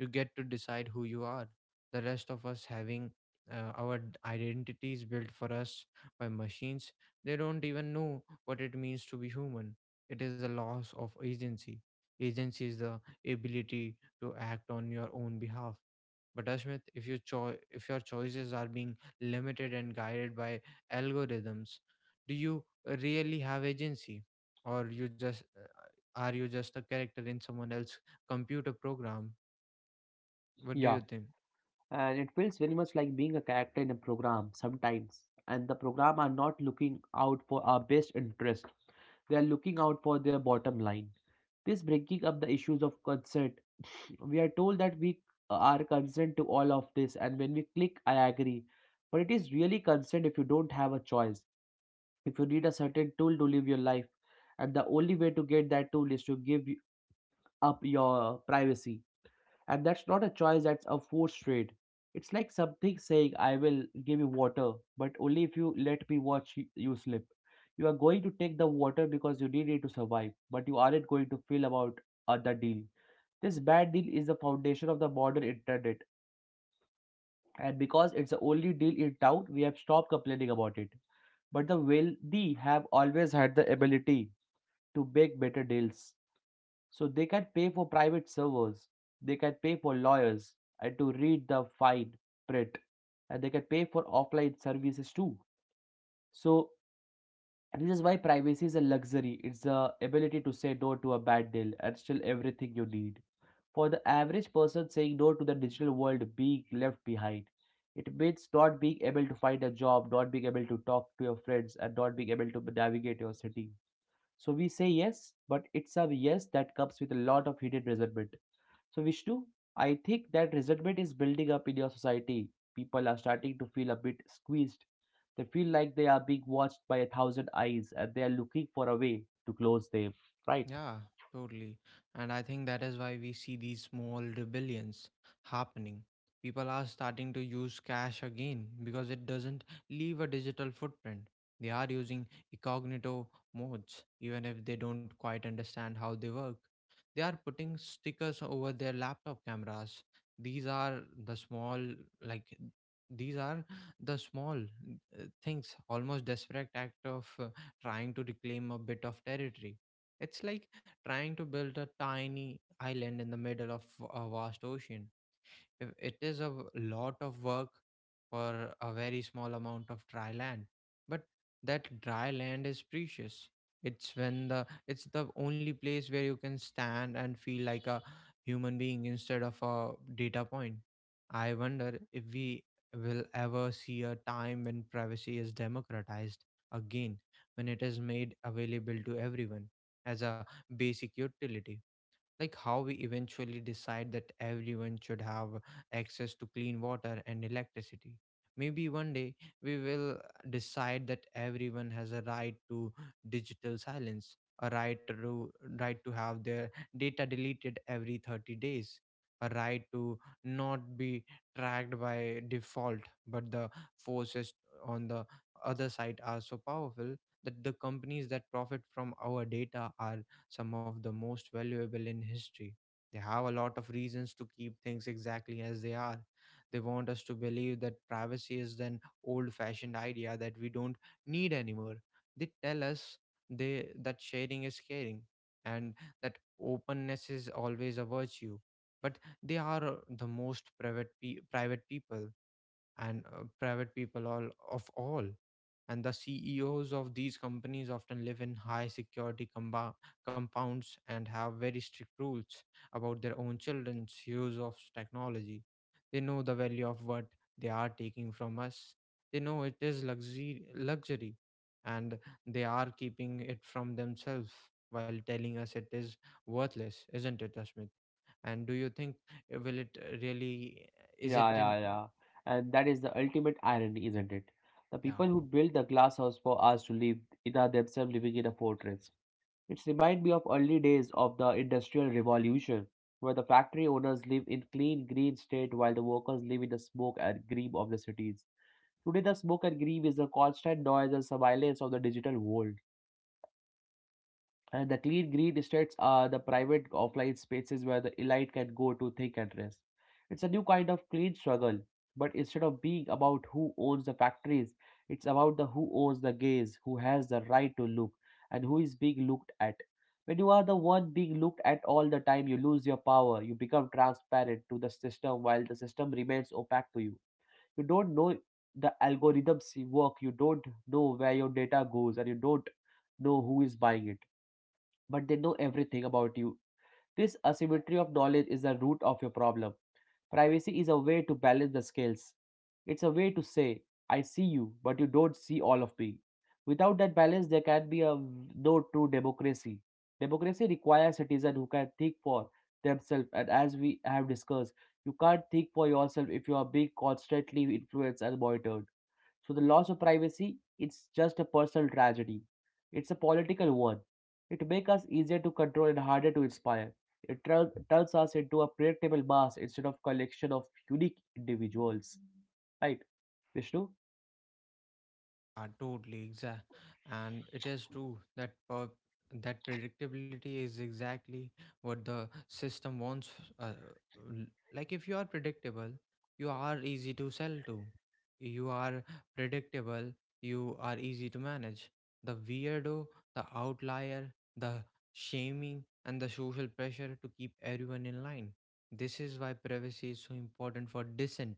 A: You get to decide who you are. The rest of us having our identity is built for us by machines. They don't even know what it means to be human. It is a loss of agency. Agency is the ability to act on your own behalf. But Ashmit, if if your choices are being limited and guided by algorithms, do you really have agency, or you just are you just a character in someone else's computer program? What do you think?
B: And it feels very much like being a character in a program sometimes, and the program are not looking out for our best interest. They are looking out for their bottom line. This breaking up the issues of consent. We are told that we are consent to all of this and when we click I agree. But it is really consent if you don't have a choice. If you need a certain tool to live your life, and the only way to get that tool is to give up your privacy, and that's not a choice, that's a forced trade. It's like something saying, I will give you water, but only if you let me watch you slip. You are going to take the water because you need it to survive, but you aren't going to feel about the deal. This bad deal is the foundation of the modern internet, and because it's the only deal in town, we have stopped complaining about it. But the wealthy have always had the ability to make better deals. So they can pay for private servers, they can pay for lawyers and to read the fine print, and they can pay for offline services too. So this is why privacy is a luxury. It's the ability to say no to a bad deal and still everything you need. For the average person, saying no to the digital world being left behind. It means not being able to find a job, not being able to talk to your friends, and not being able to navigate your city. So we say yes, but it's a yes that comes with a lot of hidden resentment. So, Vishnu, I think that resentment is building up in your society. People are starting to feel a bit squeezed. They feel like they are being watched by a thousand eyes and they are looking for a way to close them, right?
A: Yeah, totally. And I think that is why we see these small rebellions happening. People are starting to use cash again because it doesn't leave a digital footprint. They are using incognito modes, even if they don't quite understand how they work. They are putting stickers over their laptop cameras. These are the small, like, these are the small things, almost desperate act of trying to reclaim a bit of territory. It's like trying to build a tiny island in the middle of a vast ocean. If it is a lot of work for a very small amount of dry land, but that dry land is precious. It's when the it's the only place where you can stand and feel like a human being instead of a data point. I wonder if we will ever see a time when privacy is democratized again, when it is made available to everyone as a basic utility, like how we eventually decide that everyone should have access to clean water and electricity. Maybe one day we will decide that everyone has a right to digital silence, a right to have their data deleted every 30 days, a right to not be tracked by default. But the forces on the other side are so powerful that the companies that profit from our data are some of the most valuable in history. They have a lot of reasons to keep things exactly as they are. They want us to believe that privacy is an old fashioned idea that we don't need anymore. They tell us that sharing is caring and that openness is always a virtue. But they are the most private, private people, and private people all of all, and the CEOs of these companies often live in high security compounds and have very strict rules about their own children's use of technology. They know the value of what they are taking from us. They know it is luxury, luxury, and they are keeping it from themselves while telling us it is worthless, isn't it, Asmit? And do you think will it really is it
B: Yeah,
A: in
B: yeah, yeah. And that is the ultimate irony, isn't it? The
A: yeah.
B: people who built the glass house for us to live in are themselves living in a fortress. It reminds me of early days of the Industrial Revolution, where the factory owners live in clean green state while the workers live in the smoke and grime of the cities. Today the smoke and grime is the constant noise and surveillance of the digital world. The clean green estates are the private offline spaces where the elite can go to think and rest. It's a new kind of clean struggle, but instead of being about who owns the factories, it's about the who owns the gaze, who has the right to look, and who is being looked at. When you are the one being looked at all the time, you lose your power. You become transparent to the system while the system remains opaque to you. You don't know the algorithms work. You don't know where your data goes, and you don't know who is buying it, but they know everything about you. This asymmetry of knowledge is the root of your problem. Privacy is a way to balance the scales. It's a way to say, I see you, but you don't see all of me. Without that balance, there can be no true democracy. Democracy requires citizens who can think for themselves, and as we have discussed, you can't think for yourself if you are being constantly influenced and monitored. So the loss of privacy, it's just a personal tragedy. It's a political one. It makes us easier to control and harder to inspire. It turns us into a predictable mass instead of collection of unique individuals. Right, Vishnu?
A: Yeah, totally. Exact. And it is true that that predictability is exactly what the system wants. Uh, l- like if you are predictable, you are easy to sell to. You are predictable, you are easy to manage. The weirdo, the outlier, the shaming, and the social pressure to keep everyone in line. This is why privacy is so important for dissent,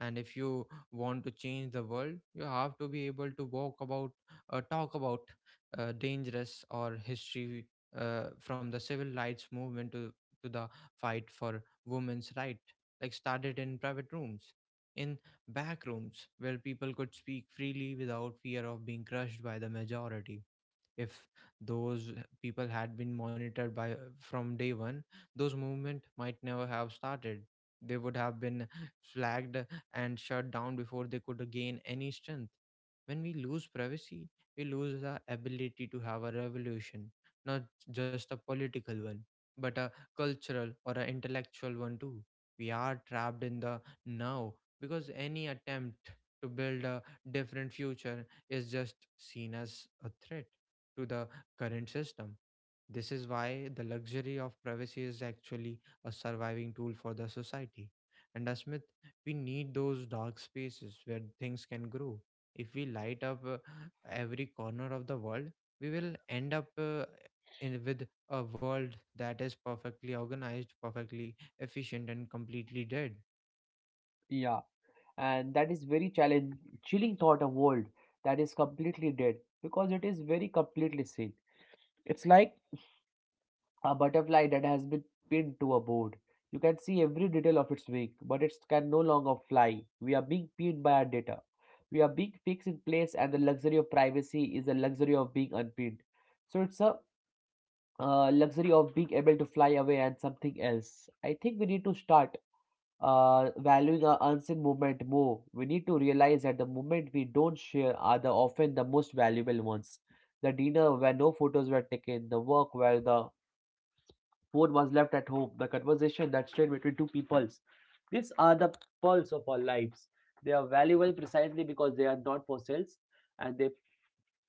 A: and if you want to change the world you have to be able to walk about talk about dangerous or history from the civil rights movement to the fight for women's right, like, started in private rooms, in back rooms where people could speak freely without fear of being crushed by the majority. If those people had been monitored by from day one, those movement might never have started. They would have been flagged and shut down before they could gain any strength. When we lose privacy, we lose the ability to have a revolution, not just a political one, but a cultural or an intellectual one too. We are trapped in the now, because any attempt to build a different future is just seen as a threat to the current system. This is why the luxury of privacy is actually a surviving tool for the society. And as Smith, we need those dark spaces where things can grow. If we light up every corner of the world, we will end up in with a world that is perfectly organized, perfectly efficient, and completely dead.
B: Yeah, and that is very chilling thought of world that is completely dead because it is very completely seen. It's like a butterfly that has been pinned to a board. You can see every detail of its wing, but it can no longer fly. We are being pinned by our data. We are being fixed in place, and the luxury of privacy is the luxury of being unpinned. So it's a luxury of being able to fly away and something else. I think we need to start valuing our unseen movement more. We need to realize that the movement we don't share are the often the most valuable ones. The dinner where no photos were taken, the work where the food was left at home, the conversation that stayed between two peoples. These are the pearls of our lives. They are valuable precisely because they are not for sales and they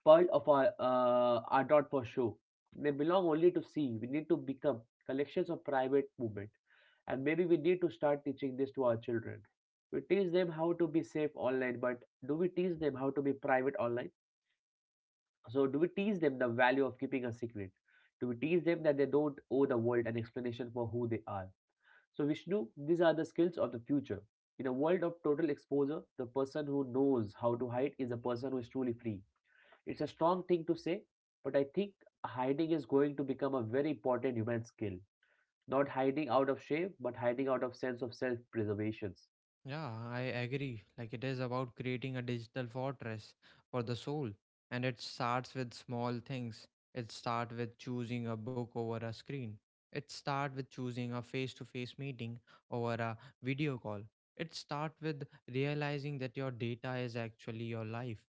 B: pearl of our are not for show. They belong only to see. We need to become collections of private movement. And maybe we need to start teaching this to our children. We teach them how to be safe online, but do we teach them how to be private online? So do we teach them the value of keeping a secret? Do we teach them that they don't owe the world an explanation for who they are? So, Vishnu, these are the skills of the future. In a world of total exposure, the person who knows how to hide is a person who is truly free. It's a strong thing to say, but I think hiding is going to become a very important human skill. Not hiding out of shame, but hiding out of sense of self preservations.
A: Yeah, I agree. Like, it is about creating a digital fortress for the soul, and it starts with small things. It starts with choosing a book over a screen. It starts with choosing a face-to-face meeting over a video call. It starts with realizing that your data is actually your life.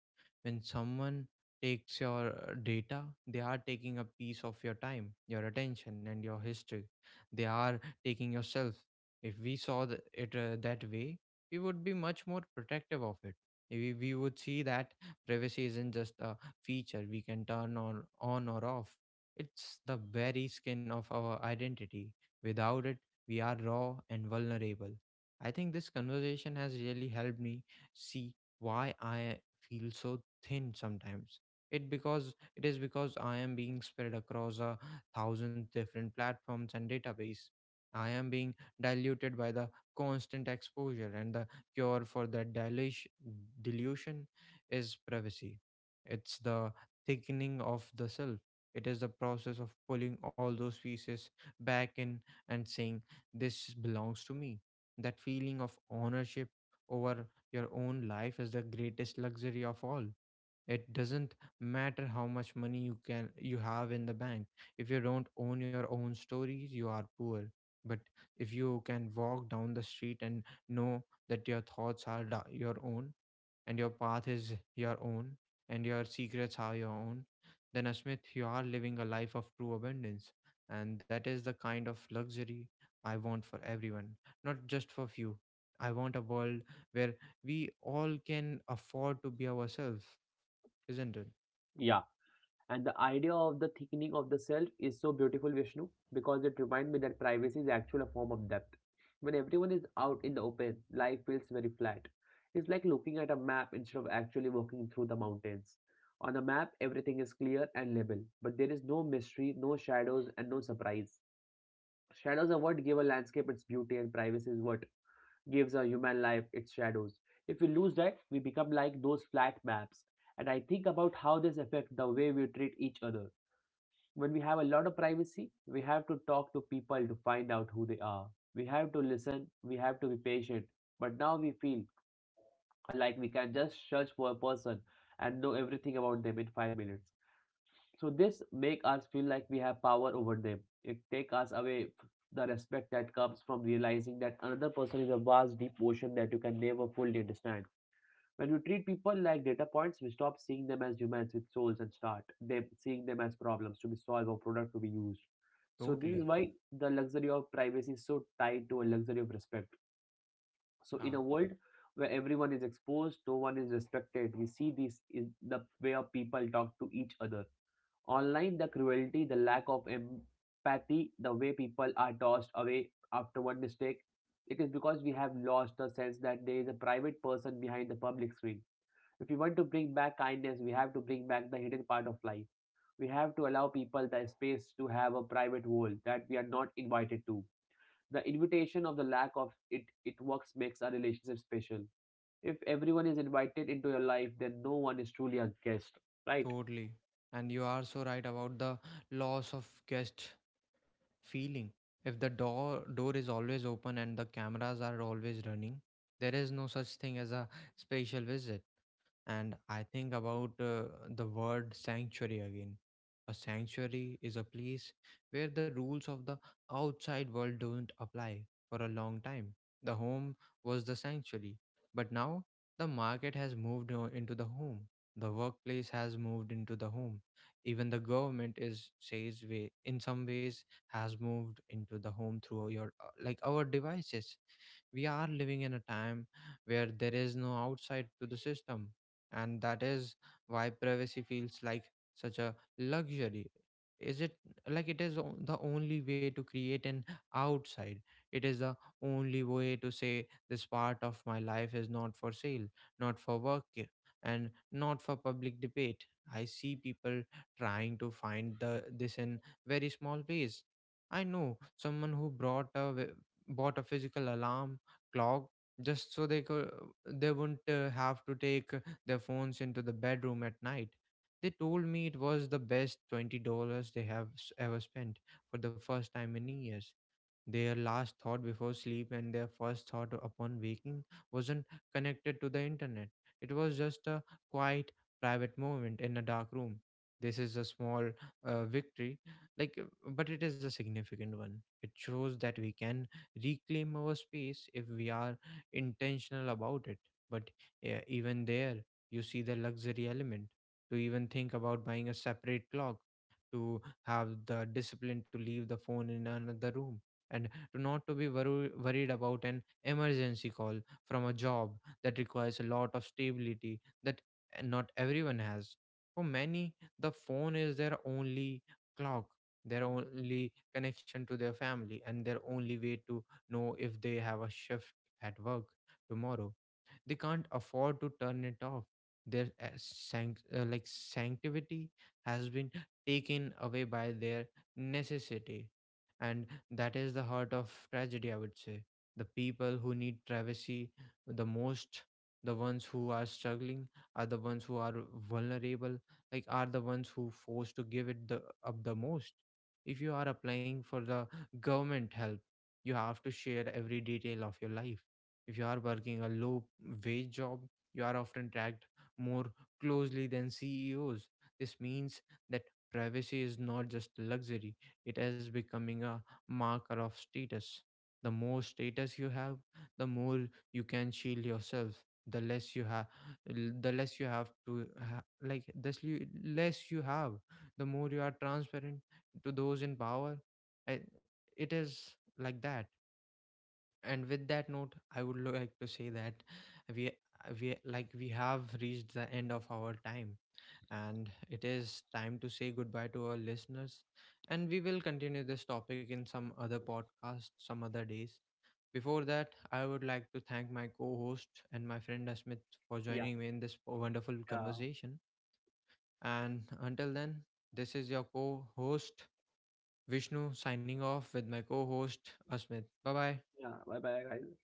A: When someone takes your data, they are taking a piece of your time, your attention, and your history. They are taking yourself. If we saw the, it that way, we would be much more protective of it. We would see that privacy isn't just a feature we can turn on or off. It's the very skin of our identity. Without it, we are raw and vulnerable. I think this conversation has really helped me see why I feel so thin sometimes. It because it is because I am being spread across a thousand different platforms and database. I am being diluted by the constant exposure, and the cure for that dilution, delusion, is privacy. It's the thickening of the self. It is the process of pulling all those pieces back in and saying, this belongs to me. That feeling of ownership over your own life is the greatest luxury of all. It doesn't matter how much money you can you have in the bank. If you don't own your own stories, you are poor. But if you can walk down the street and know that your your own, and your path is your own, and your secrets are your own, then, asmith, you are living a life of true abundance. And that is the kind of luxury I want for everyone, not just for few. I want a world where we all can afford to be ourselves, isn't it?
B: Yeah. And the idea of the thickening of the self is so beautiful, Vishnu, because it reminds me that privacy is actually a form of depth. When everyone is out in the open, life feels very flat. It's like looking at a map instead of actually walking through the mountains. On the map, everything is clear and level, but there is no mystery, no shadows, and no surprise. Shadows are what give a landscape its beauty, and privacy is what gives a human life its shadows. If we lose that, we become like those flat maps. And I think about how this affects the way we treat each other. When we have a lot of privacy, we have to talk to people to find out who they are. We have to listen, we have to be patient. But now we feel like we can just search for a person and know everything about them in 5 minutes. So this make us feel like we have power over them. It take us away the respect that comes from realizing that another person is a vast deep ocean that you can never fully understand. When we treat people like data points, we stop seeing them as humans with souls and start them seeing them as problems to be solved or product to be used. So this
A: Totally.
B: is why the luxury of privacy is so tied to a luxury of respect. So
A: Yeah,
B: in a world where everyone is exposed, no one is respected. We see this in the way of people talk to each other. Online, the cruelty, the lack of empathy, the way people are tossed away after one mistake, it is because we have lost the sense that there is a private person behind the public screen. If you want to bring back kindness, we have to bring back the hidden part of life. We have to allow people the space to have a private world that we are not invited to. The invitation of the lack of it it works makes our relationship special. If everyone is invited into your life, then no one is truly a guest. Right?
A: totally. And you are so right about the loss of guest feeling. If the door is always open and the cameras are always running, there is no such thing as a spatial visit. And I think about the word sanctuary again. A sanctuary is a place where the rules of the outside world don't apply for a long time. The home was the sanctuary, but now the market has moved into the home. The workplace has moved into the home. Even the government is says way in some ways has moved into the home through your like our devices. We are living in a time where there is no outside to the system, and that is why privacy feels like such a luxury. Is it, like, it is the only way to create an outside? It is the only way to say, this part of my life is not for sale, not for work, and not for public debate. I see people trying to find the this in very small ways. I know someone who bought a physical alarm clock just so they could they wouldn't have to take their phones into the bedroom at night. They told me it was the best $20 they have ever spent. For the first time in years, their last thought before sleep and their first thought upon waking wasn't connected to the internet. It was just a quiet, private moment in a dark room. This is a small victory, like, uh, but it is a significant one. It shows that we can reclaim our space if we are intentional about it. But even there, you see the luxury element. To even think about buying a separate clock, to have the discipline to leave the phone in another room, and to not to be worried about an emergency call from a job that requires a lot of stability that not everyone has. For many, the phone is their only clock, their only connection to their family, and their only way to know if they have a shift at work tomorrow. They can't afford to turn it off. Their sanctity has been taken away by their necessity, and that is the heart of tragedy, I would say. The people who need privacy the most, the ones who are struggling, are the ones who are vulnerable, like, are the ones who forced to give it the up the most. If you are applying for the government help, you have to share every detail of your life. If you are working a low wage job, you are often tracked more closely than CEOs. This means that privacy is not just luxury, it is becoming a marker of status. The more status you have, the more you can shield yourself. The less you have, the less you have to ha- like. The less you have, the more you are transparent to those in power. I, it is like that. And with that note, I would like to say that we we have reached the end of our time, and it is time to say goodbye to our listeners. And we will continue this topic in some other podcast, some other days. Before that, I would like to thank my co host and my friend Asmith for
B: Yeah.
A: joining me in this wonderful
B: Yeah.
A: conversation. And until then, this is your co host Vishnu, signing off with my co host Asmith. Bye bye.
B: Yeah. Bye bye, guys.